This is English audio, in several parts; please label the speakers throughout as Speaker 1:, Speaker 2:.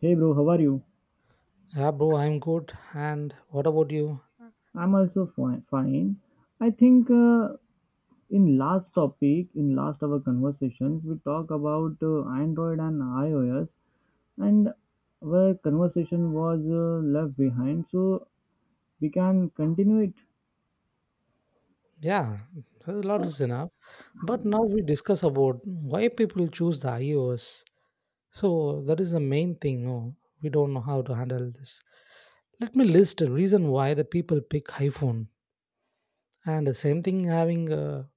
Speaker 1: Hey bro, how are you?
Speaker 2: Yeah, bro, I'm good. And what about you?
Speaker 1: I'm also fine. Fine. I think in last our conversations, we talk about Android and iOS, and our conversation was left behind. So we can continue it.
Speaker 2: Yeah, a lot is enough. But now we discuss about why people choose the iOS. So that is the main thing. No, we don't know how to handle this. Let me list a reason why the people pick iPhone. And the same thing having a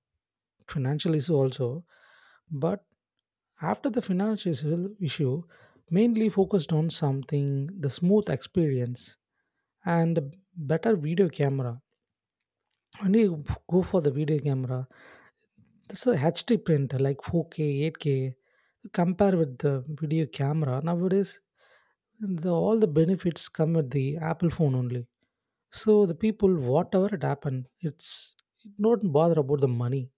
Speaker 2: financial issue also. But after the financial issue, mainly focused on something the smooth experience and better video camera. And you go for the video camera. That's a HD print, like 4K, 8K. Compare with the video camera. Nowadays, all the benefits come with the Apple phone only. So the people, whatever it happened, it don't bother about the money.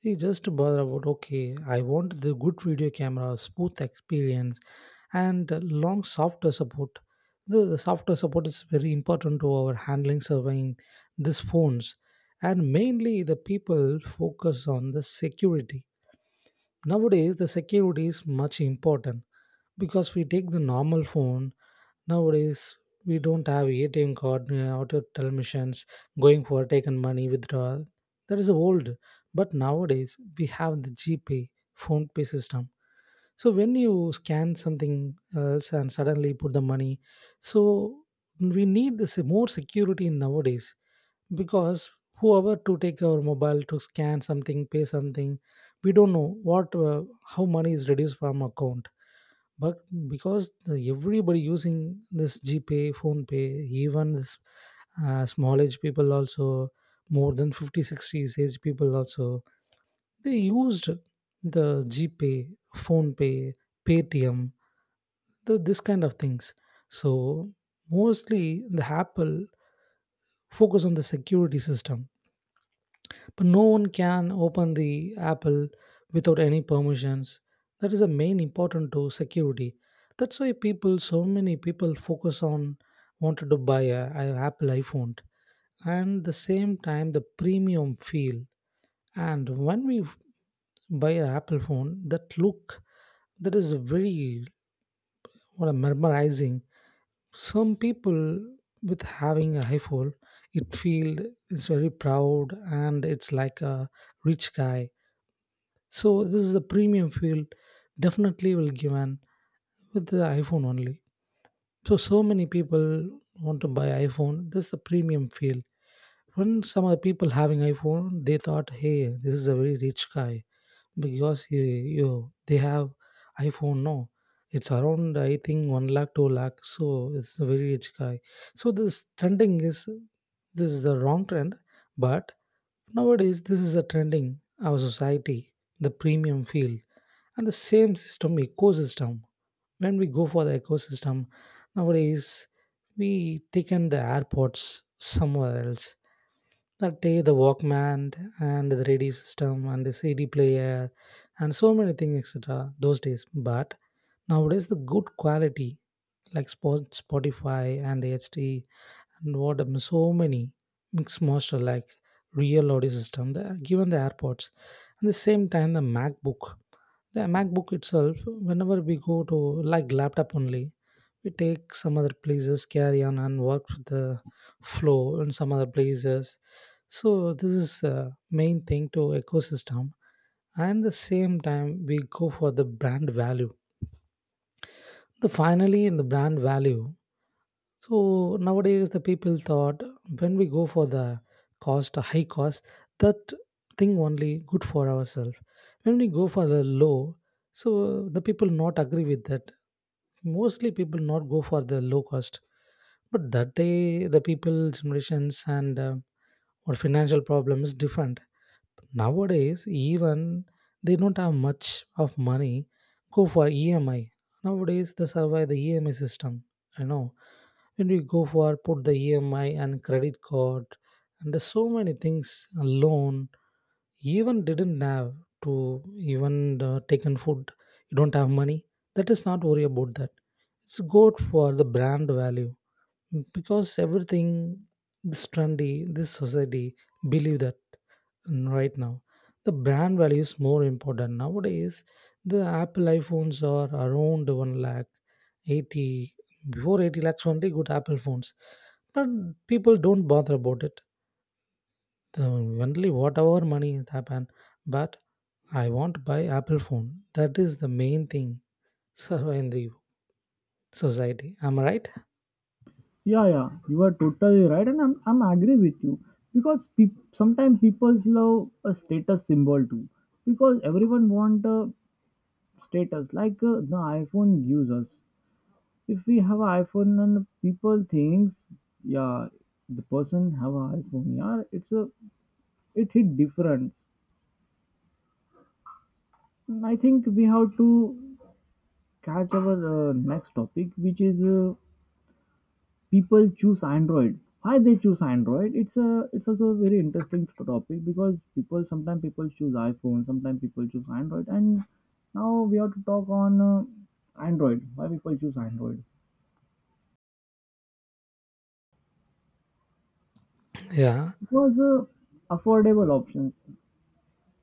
Speaker 2: He just bother about okay, I want the good video camera, smooth experience, and long software support. The software support is very important to our handling, surveying these phones, and mainly the people focus on the security. Nowadays, the security is much important because we take the normal phone. Nowadays, we don't have ATM card, auto telemissions, going for taken money withdrawal. That is old. But nowadays, we have the GPay, phone pay system. So when you scan something else and suddenly put the money, so we need this more security nowadays because whoever to take our mobile to scan something, pay something, we don't know what how money is reduced from account. But because everybody using this GPay, phone Pay, even this small age people also, more than 50, 60 age people also, they used the GPay, phone Pay, Paytm, this kind of things. So mostly the Apple focus on the security system. But no one can open the Apple without any permissions. That is the main important to security. That's why people, so many people focus on wanted to buy a Apple iPhone and the same time the premium feel. And when we buy a Apple phone, that look that is very what a mesmerizing. Some people with having a iPhone, it feel is very proud and it's like a rich guy. So this is a premium feel definitely will given with the iPhone only. So so many people want to buy iPhone. This is the premium feel. When some other people having iPhone, they thought, hey, this is a very rich guy because he, you they have iPhone. No, it's around I think 1 lakh, 2 lakh. So it's a very rich guy. So this trending is this is the wrong trend, but nowadays this is a trending our society, the premium feel and the same system ecosystem. When we go for the ecosystem nowadays, we taken the AirPods somewhere else. That day the walkman and the radio system and the cd player and so many things etc those days. But nowadays the good quality, like spotify and HD and what so many mixed master like real audio system, given the AirPods. And the same time the macbook, the MacBook itself, whenever we go to like laptop only, we take some other places, carry on and work with the flow in some other places. So this is main thing to ecosystem. And the same time we go for the brand value. The finally in the brand value, so nowadays the people thought when we go for the cost, a high cost, that thing only good for ourselves. When we go for the low, so the people not agree with that. Mostly people not go for the low cost. But that day the people generations and or financial problem is different. Nowadays, even they don't have much of money, go for EMI. Nowadays, they survive the EMI system. You know when we go for put the EMI and credit card, and there's so many things a loan. Even didn't have to even taken food. You don't have money. That is not worry about that. It's good for the brand value because everything this trendy this society believe that right now the brand value is more important nowadays. The apple iphones are around 1 lakh 80, before 80 lakhs only good apple phones, but people don't bother about it. The only whatever money it happen, but I want to buy apple phone. That is the main thing. Survive in the society, am I right?
Speaker 1: Yeah, yeah, you are totally right, and I'm agree with you because sometimes people love a status symbol too because everyone want a status like the iPhone gives us. If we have an iPhone and people thinks, yeah, the person have an iPhone. Yeah, it hit different. And I think we have to catch our next topic, which is people choose Android. Why they choose Android? It's also a very interesting topic because people sometimes people choose iPhone, sometimes people choose Android, and now we have to talk on Android. Why people choose Android?
Speaker 2: Yeah,
Speaker 1: Because affordable options.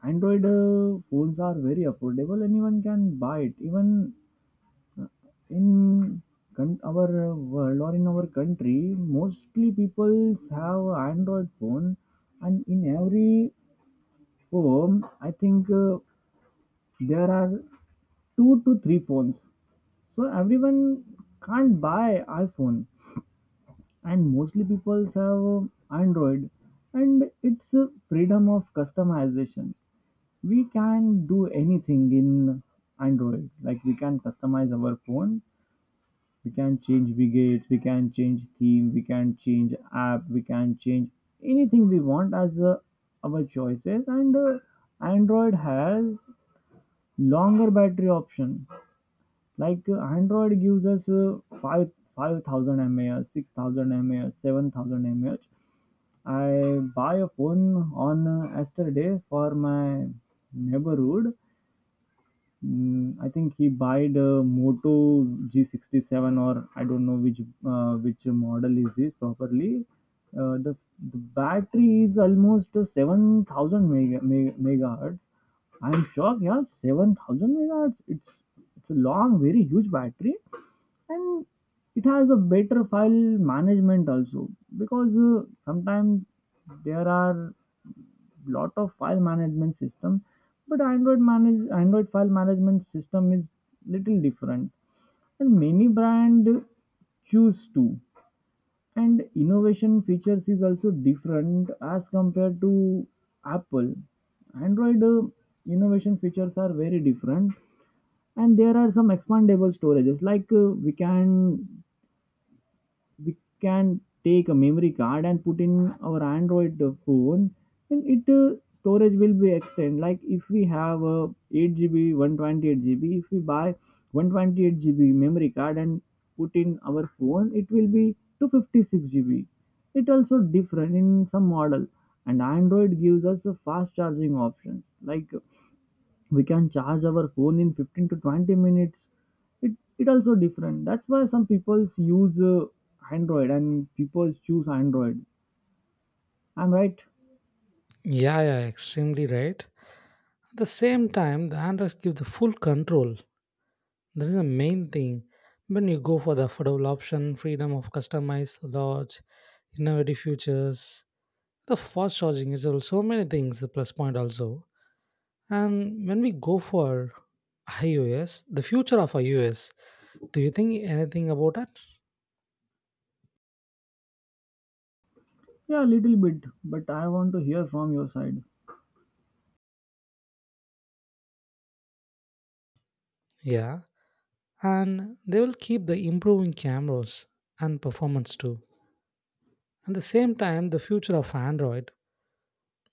Speaker 1: Android phones are very affordable. Anyone can buy it. Even in our world or in our country, mostly people have Android phone, and in every home, I think there are two to three phones. So everyone can't buy iPhone, and mostly people have Android, and it's freedom of customization. We can do anything in android, like we can customize our phone, we can change widgets, we can change theme, we can change app, we can change anything we want as our choices. And android has longer battery option, like android gives us 5 5000 mAh, 6000 mAh, 7000 mAh. I buy a phone on yesterday for my neighborhood. I think he bought a Moto G67, or I don't know which model is this properly. Uh, the the battery is almost 7000 megahertz. I'm shocked. Yeah, 7000 megahertz. It's a long, very huge battery, and it has a better file management also, because sometimes there are lot of file management system, but Android file management system is little different, and many brand choose to. And innovation features is also different as compared to Apple. Android innovation features are very different, and there are some expandable storages, like we can take a memory card and put in our android phone, and it storage will be extend. Like if we have a 8 GB, 128 GB, if we buy 128 GB memory card and put in our phone, it will be 256 GB. It also different in some model, and android gives us a fast charging options, like we can charge our phone in 15 to 20 minutes. It it also different. That's why some people use android and people choose android. I'm right?
Speaker 2: yeah, yeah, extremely right. At the same time, the Androids give the full control. This is the main thing. When you go for the affordable option, freedom of customize, large, innovative features, the fast charging is also so many things, the plus point also. And when we go for iOS, the future of iOS, do you think anything about that?
Speaker 1: Yeah, little bit, but I want to hear from your side.
Speaker 2: Yeah. And they will keep the improving cameras and performance too. At the same time, the future of Android,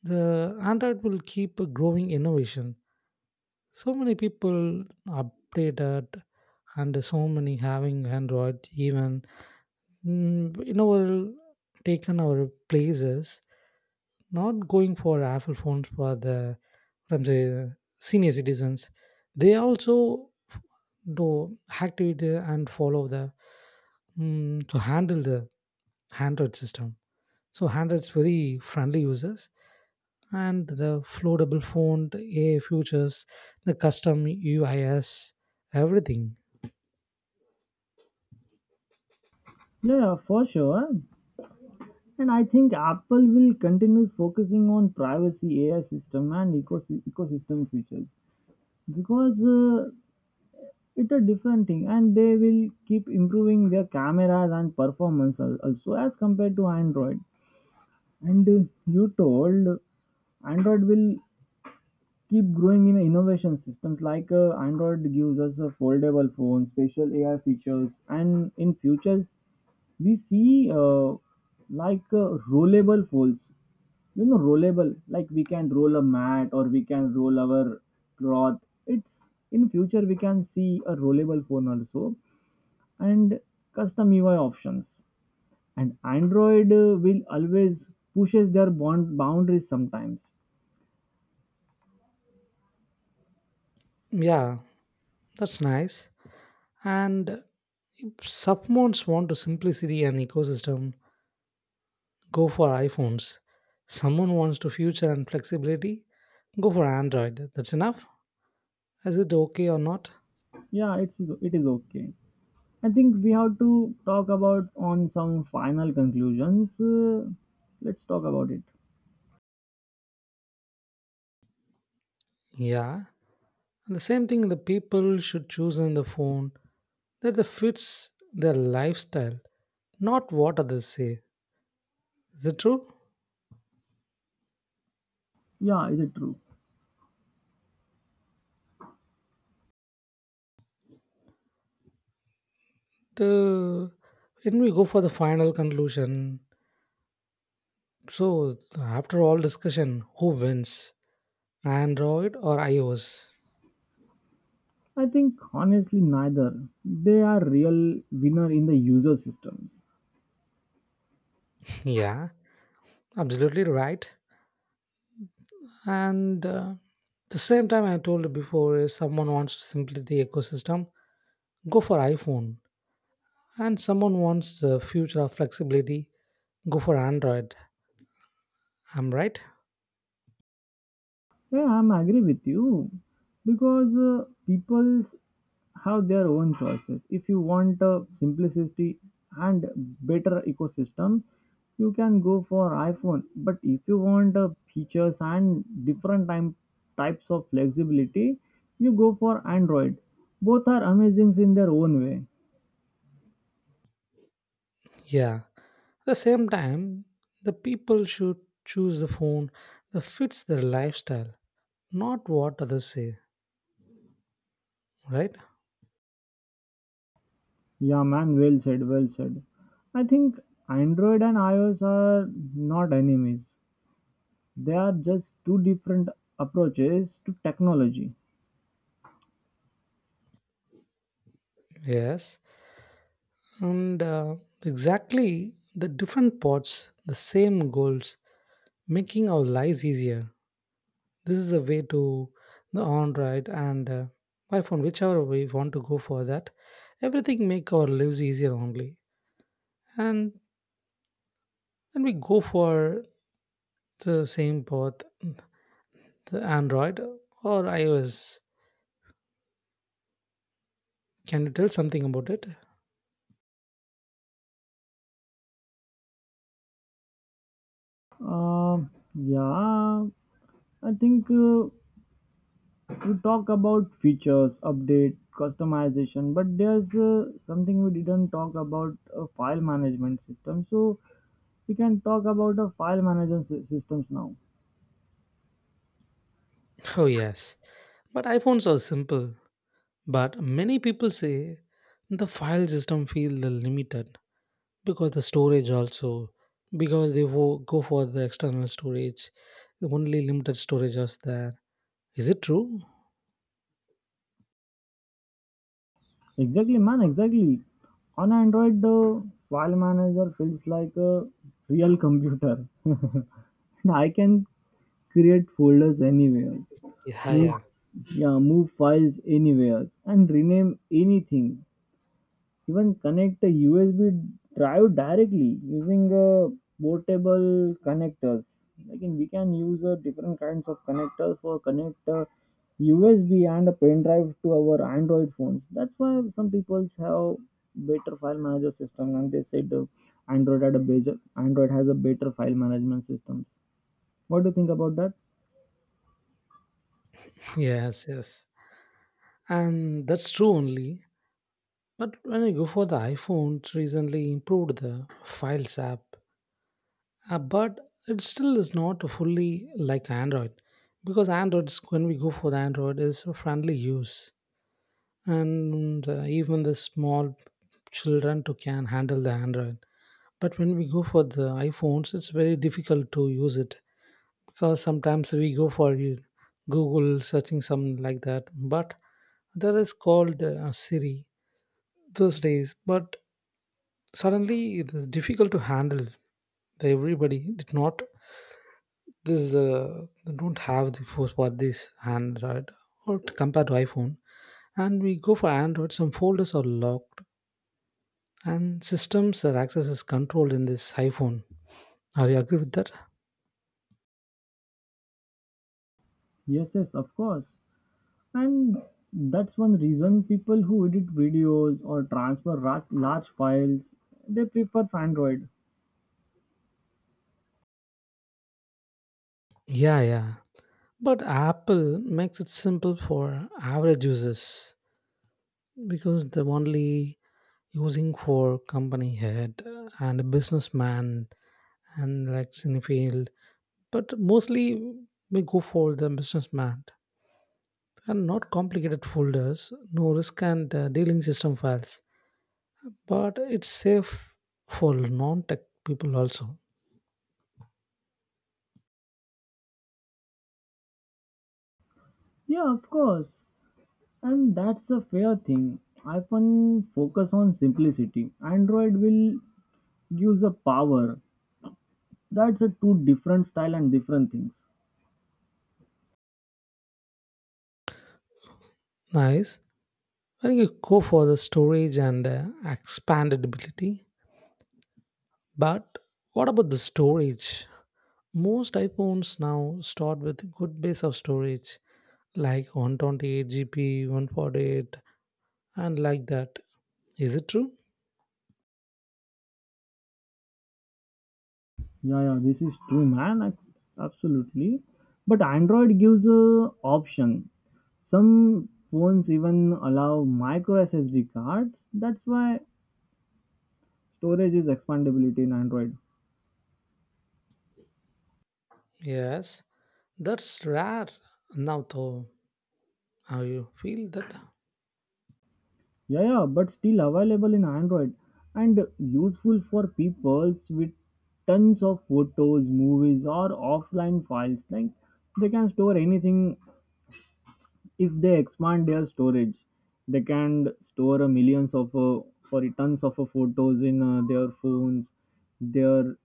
Speaker 2: the android will keep a growing innovation. So many people updated and so many having android, even you know will taken our places, not going for apple phones for the from the senior citizens. They also do activate and follow the to handle the android system. So android's very friendly users, and the floatable font, AI futures, the custom UIs, everything.
Speaker 1: Yeah, yeah, for sure. And I think apple will continue focusing on privacy, ai system, and ecosystem features, because it's a different thing, and they will keep improving their cameras and performance also as compared to android. And you told Android will keep growing in innovation systems, like Android gives us a foldable phone, special AI features, and in futures we see like rollable folds. You know, rollable, like we can roll a mat or we can roll our cloth. It's In future we can see a rollable phone also, and custom UI options. And android will always pushes their bond boundaries sometimes.
Speaker 2: Yeah, that's nice. And if someone's want to simplicity and ecosystem, go for iPhones. Someone wants to future and flexibility, go for Android. That's enough. Is it okay or not?
Speaker 1: Yeah, it is okay. I think we have to talk about on some final conclusions. Let's talk about it.
Speaker 2: Yeah. And the same thing the people should choose in the phone that the fits their lifestyle, not what others say. Is it true?
Speaker 1: Yeah, is it true.
Speaker 2: The when we go for the final conclusion, so after all discussion, who wins, Android or iOS?
Speaker 1: I think, honestly, neither. They are real winner in the user systems.
Speaker 2: Yeah, absolutely right. And the same time I told before, if someone wants simplicity ecosystem, go for iPhone, and someone wants the future of flexibility, go for Android. I'm right.
Speaker 1: Yeah, I'm agree with you, because people's have their own choices. If you want simplicity and better ecosystem, you can go for iPhone. But if you want features and different time types of flexibility, you go for Android. Both are amazing in their own way.
Speaker 2: Yeah. At the same time, the people should choose the phone that fits their lifestyle, not what others say, right?
Speaker 1: Yeah, man, well said, well said. I think Android and iOS are not enemies. They are just two different approaches to technology.
Speaker 2: Yes. And exactly the different pots, the same goals, making our lives easier. This is the way to the on right and by phone, whichever we want to go for that. Everything make our lives easier only. And when we go for the same path, the Android or iOS, can you tell something about it?
Speaker 1: Uh, yeah, I think we talk about features, update, customization, but there's something we didn't talk about, a file management system. So we can talk about a file management systems now.
Speaker 2: Oh yes. But iPhones are simple. But many people say the file system feel the limited because the storage also, because they go for the external storage. Only limited storage is there. Is it true?
Speaker 1: Exactly, man. Exactly. On Android, the file manager feels like a real computer. And I can create folders anywhere.
Speaker 2: Yeah,
Speaker 1: Move,
Speaker 2: yeah.
Speaker 1: yeah, move files anywhere and rename anything. Even connect a USB drive directly using portable connectors. Like we can use different kinds of connectors for connect USB and a pen drive to our Android phones. That's why some people have better file manager system, and they said Android has a better file management system. What do you think about that?
Speaker 2: Yes, yes. And that's true only. But when I go for the iPhone, it recently improved the Files app. But it still is not fully like Android because Android's when we go for the Android is for friendly use. And even the small children too can handle the android. But when we go for the iphones it's very difficult to use it because sometimes we go for google searching something like that, but there is called siri those days. But suddenly it is difficult to handle, the everybody did not this they don't have the force for this android or to compare to iphone. And we go for android, some folders are locked and systems or access is controlled in this iphone. Are you agree with that?
Speaker 1: Yes, yes, of course. And that's one reason people who edit videos or transfer large files, they prefer Android.
Speaker 2: Yeah, yeah. But apple makes it simple for average users because they're only using for company head and a businessman and like cinefield. But mostly we go for the businessman, and not complicated folders, no risk, and dealing system files, but it's safe for non-tech people also.
Speaker 1: Yeah, of course. And that's a fair thing. iPhone focus on simplicity. Android will gives a power. That's a two different style and different things.
Speaker 2: Nice. Well, you go for the storage and expandability. But what about the storage? Most iPhones now start with good base of storage, like 128 GB, 148, and like that. Is it true?
Speaker 1: Yeah, yeah, this is true, man. Absolutely. But Android gives a option. Some phones even allow micro SSD cards. That's why storage is expandability in android.
Speaker 2: Yes, that's rare now, though. How you feel that?
Speaker 1: Yeah, yeah, but still available in android, and useful for people with tons of photos, movies, or offline files. Like they can store anything. If they expand their storage, they can store a millions of sorry, tons of photos in their phones. there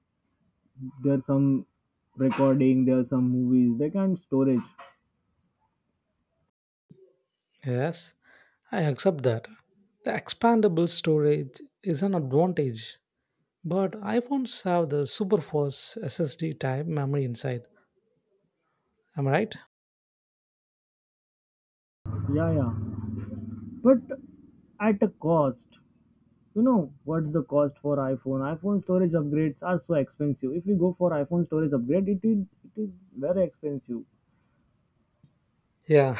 Speaker 1: there's some recording, there's some movies they can storage.
Speaker 2: Yes, I accept that. The expandable storage is an advantage, but iPhones have the super fast SSD type memory inside. Am I right?
Speaker 1: Yeah, yeah, but at a cost. You know what's the cost for iphone storage upgrades are so expensive. If we go for iphone storage upgrade, it is very expensive.
Speaker 2: Yeah.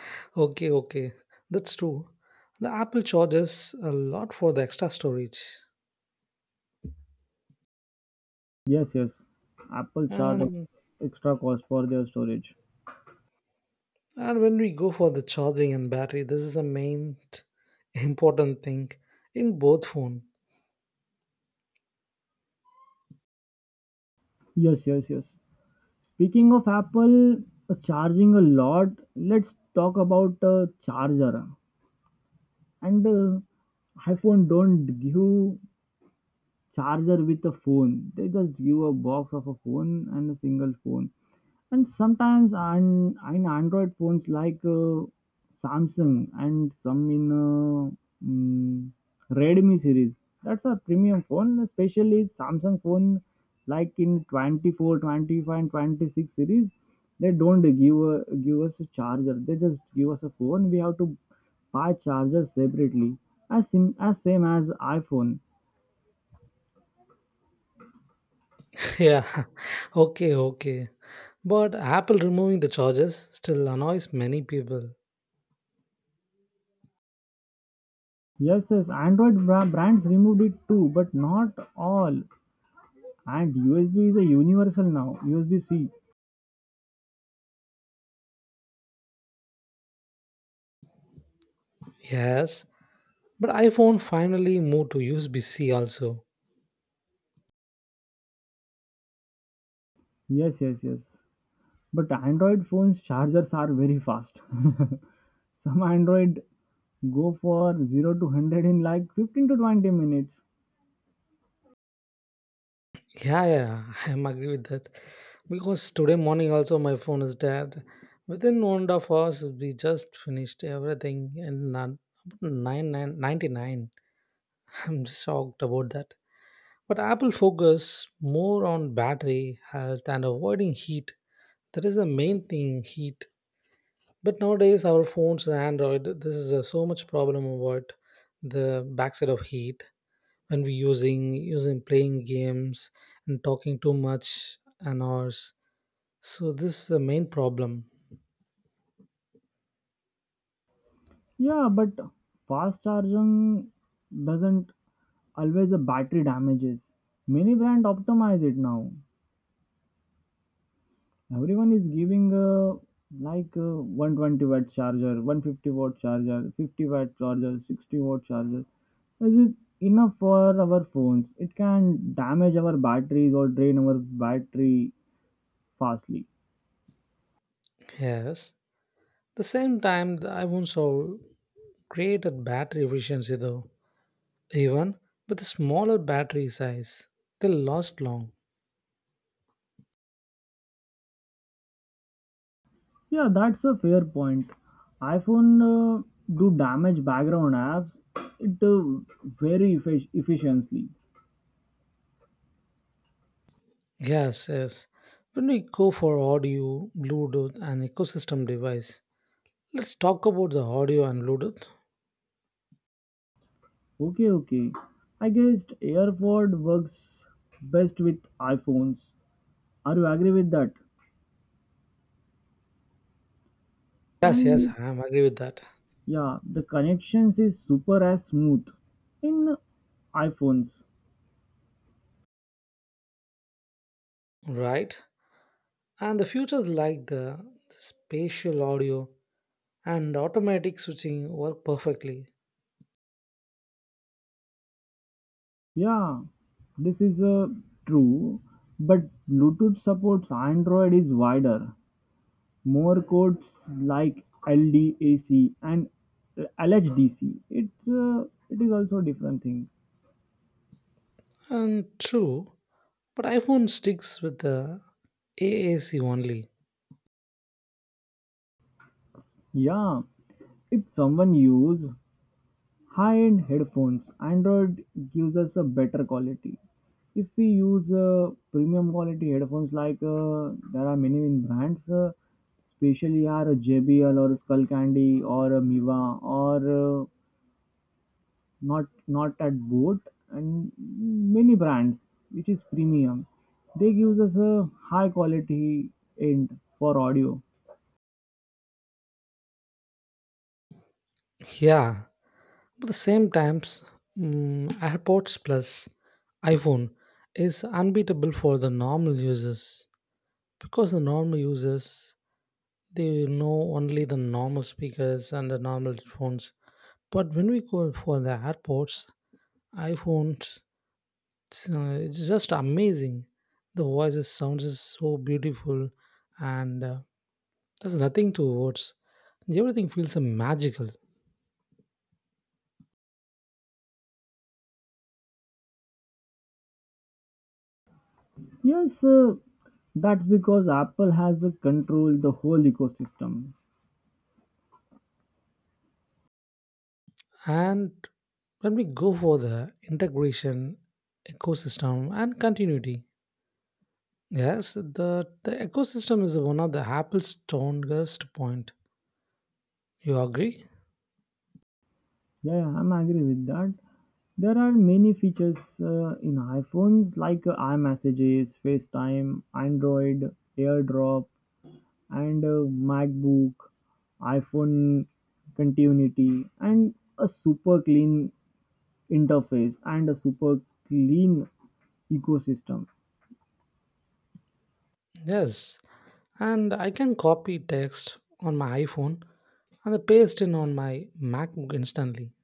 Speaker 2: Okay, okay. That's true. The Apple charges a lot for the extra storage.
Speaker 1: Yes, yes, apple charge
Speaker 2: And
Speaker 1: extra cost for their storage.
Speaker 2: and when we go for the charging and battery, this is the main important thing in both phone.
Speaker 1: Yes, yes, yes. Speaking of apple charging a lot, let's talk about charger. And iphone don't give charger with a phone. They just give a box of a phone and a single phone. And sometimes on Android phones like Samsung and some in mm, Redmi series, that's a premium phone, especially Samsung phone, like in 24, 25, and 26 series. They don't give us a charger. They just give us a phone. We have to buy charger separately, as same as iPhone.
Speaker 2: Yeah. Okay, okay. But Apple removing the charges still annoys many people.
Speaker 1: Yes, yes, Android brands removed it too, but not all. And USB is a universal now, USB C.
Speaker 2: Yes. But iPhone finally moved to USB C also.
Speaker 1: Yes, yes, yes. But Android phones chargers are very fast. Some Android go for 0 to 100 in like 15 to 20 minutes.
Speaker 2: Yeah, yeah, I am agree with that. Because today morning also my phone is dead. Within 1.5 hours, we just finished everything in nine, nine, nine, 99. I'm just shocked about that. But Apple focus more on battery health and avoiding heat. That is the main thing, heat. But nowadays our phones and Android, this is a, so much problem about the backside of heat, when we using playing games and talking too much and hours. So this is the main problem.
Speaker 1: Yeah, but fast charging doesn't always a battery damages. Many brand optimize it now. Everyone is giving like 120-watt charger, 150-watt charger, 50-watt charger, 60-watt charger. Is it enough for our phones? It can damage our batteries or drain our battery fastly.
Speaker 2: Yes, the same time the iphones are great at battery efficiency though, even with a smaller battery size they last long.
Speaker 1: Yeah, that's a fair point. iPhone uh, do damage background apps. It very efficiently.
Speaker 2: Yes, yes. When we go for audio bluetooth and ecosystem device, let's talk about the audio and bluetooth.
Speaker 1: Okay, okay. I guess AirPod works best with iPhones. Are you agree with that?
Speaker 2: Yes, yes,
Speaker 1: And
Speaker 2: I am agree with that.
Speaker 1: Yeah, the connections is super as smooth in iphones.
Speaker 2: Right. And the features like the spatial audio and automatic switching work perfectly.
Speaker 1: Yeah, this is true. But bluetooth supports android is wider, more codes, like ldac and lhdc. It is also a different thing.
Speaker 2: And true, but iPhone sticks with the AAC only.
Speaker 1: Yeah, if someone use high-end headphones, android gives us a better quality. If we use premium quality headphones, like there are many brands especially are jbl, or skullcandy, or miva, or not at boat, and many brands which is premium. They gives us a high quality end for audio.
Speaker 2: Yeah, but the same times, AirPods Plus iPhone is unbeatable for the normal users because the normal users they know only the normal speakers and the normal phones. But when we go for the AirPods, iPhones. It's just amazing. The voices sounds is so beautiful, and there's nothing to words. Everything feels magical.
Speaker 1: Yes, that's because apple has controlled the whole ecosystem.
Speaker 2: And when we go for the integration, ecosystem, and continuity, yes, the ecosystem is one of the Apple's strongest point. You agree?
Speaker 1: Yeah, yeah, I'm agree with that. There are many features in iPhones, like iMessages, FaceTime, Android, AirDrop, and MacBook, iPhone Continuity, and a super clean interface and a super clean ecosystem.
Speaker 2: Yes, and I can copy text on my iPhone and paste in on my MacBook instantly.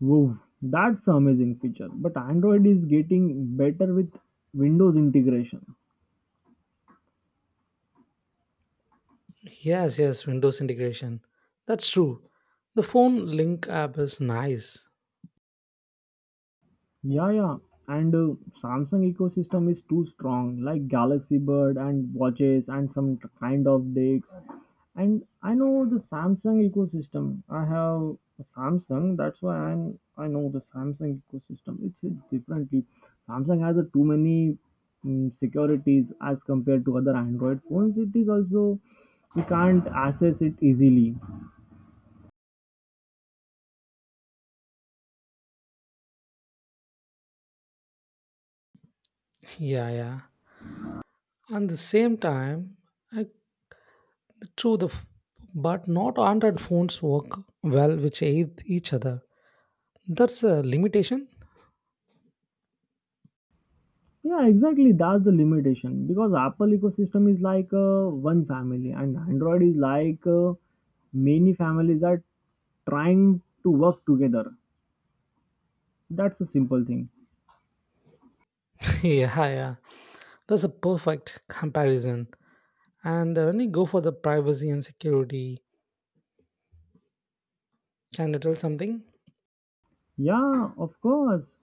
Speaker 1: Wow, that's an amazing feature. But Android is getting better with Windows integration.
Speaker 2: Yes, yes, Windows integration. That's true. The phone link app is nice.
Speaker 1: Yeah, yeah. And Samsung ecosystem is too strong, like Galaxy Bird and watches and some kind of decks. And I know the Samsung ecosystem. I have a Samsung, that's why I know the Samsung ecosystem. It's hit differently. Samsung has a too many securities as compared to other Android phones. It is also we can't access it easily.
Speaker 2: Yeah, yeah. And the same time, I, true but not Android phones work well which aid each other. That's a limitation.
Speaker 1: Yeah, exactly. That's the limitation because Apple ecosystem is like one family, and Android is like many families are trying to work together. That's a simple thing.
Speaker 2: Yeah, yeah. That's a perfect comparison. And when you go for the privacy and security, can you tell something?
Speaker 1: Yeah, of course.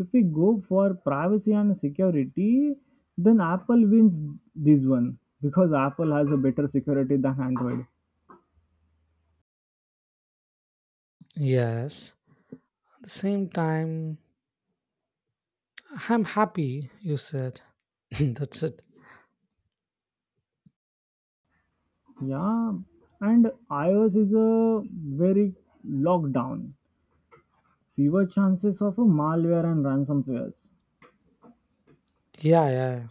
Speaker 1: If we go for privacy and security, then Apple wins this one because Apple has a better security than Android.
Speaker 2: Yes. At the same time, I'm happy. You said that's a.
Speaker 1: Yeah, and iOS is a very lockdown. Fewer chances of a malware and ransomwares.
Speaker 2: Yeah, yeah, yeah.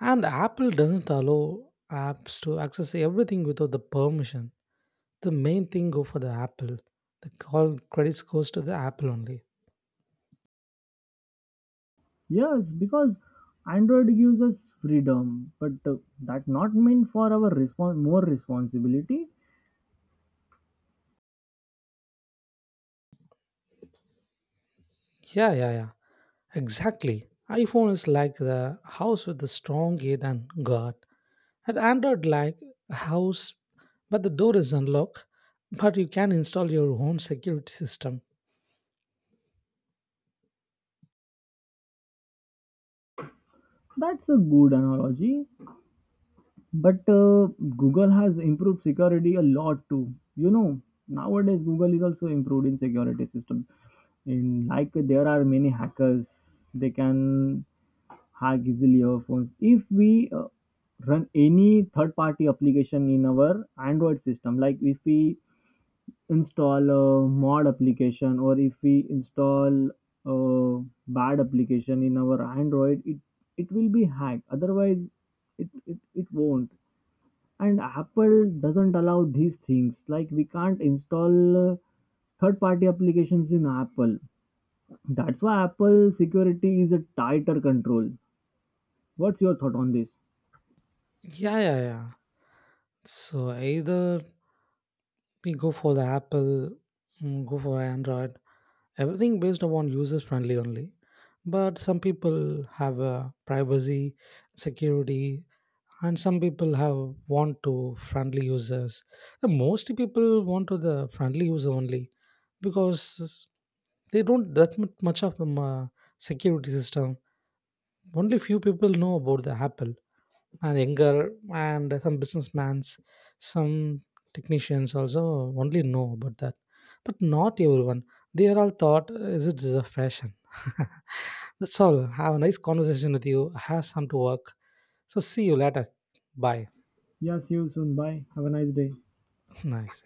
Speaker 2: And Apple doesn't allow apps to access everything without the permission. The main thing go for the Apple. The all credits goes to the Apple only.
Speaker 1: Yes, because Android gives us freedom, but that not mean for our more responsibility.
Speaker 2: Yeah, yeah, yeah. Exactly. iPhone is like the house with the strong gate and guard. And Android like a house, but the door is unlocked. But you can install your own security system.
Speaker 1: That's a good analogy. But Google has improved security a lot too. You know, nowadays Google is also improved in security system. In like there are many hackers, they can hack easily our phones if we run any third-party application in our Android system. Like if we install a mod application, or if we install a bad application in our android, it will be hacked, otherwise it won't. And apple doesn't allow these things, like we can't install third party applications in apple. That's why apple security is a tighter control. What's your thought on this?
Speaker 2: Yeah, yeah, yeah. So either we go for the Apple, go for Android, everything based upon users friendly only. But some people have privacy, security, and some people have want to friendly users. And most people want to the friendly user only because they don't that much of security system. Only few people know about the Apple and younger and some businessmans, some technicians also only know about that. But not everyone. They are all thought, is it is a fashion? That's all. Have a nice conversation with you. I Have some to work. So see you later. Bye.
Speaker 1: Yeah, see you soon, bye, have a nice day.
Speaker 2: Nice.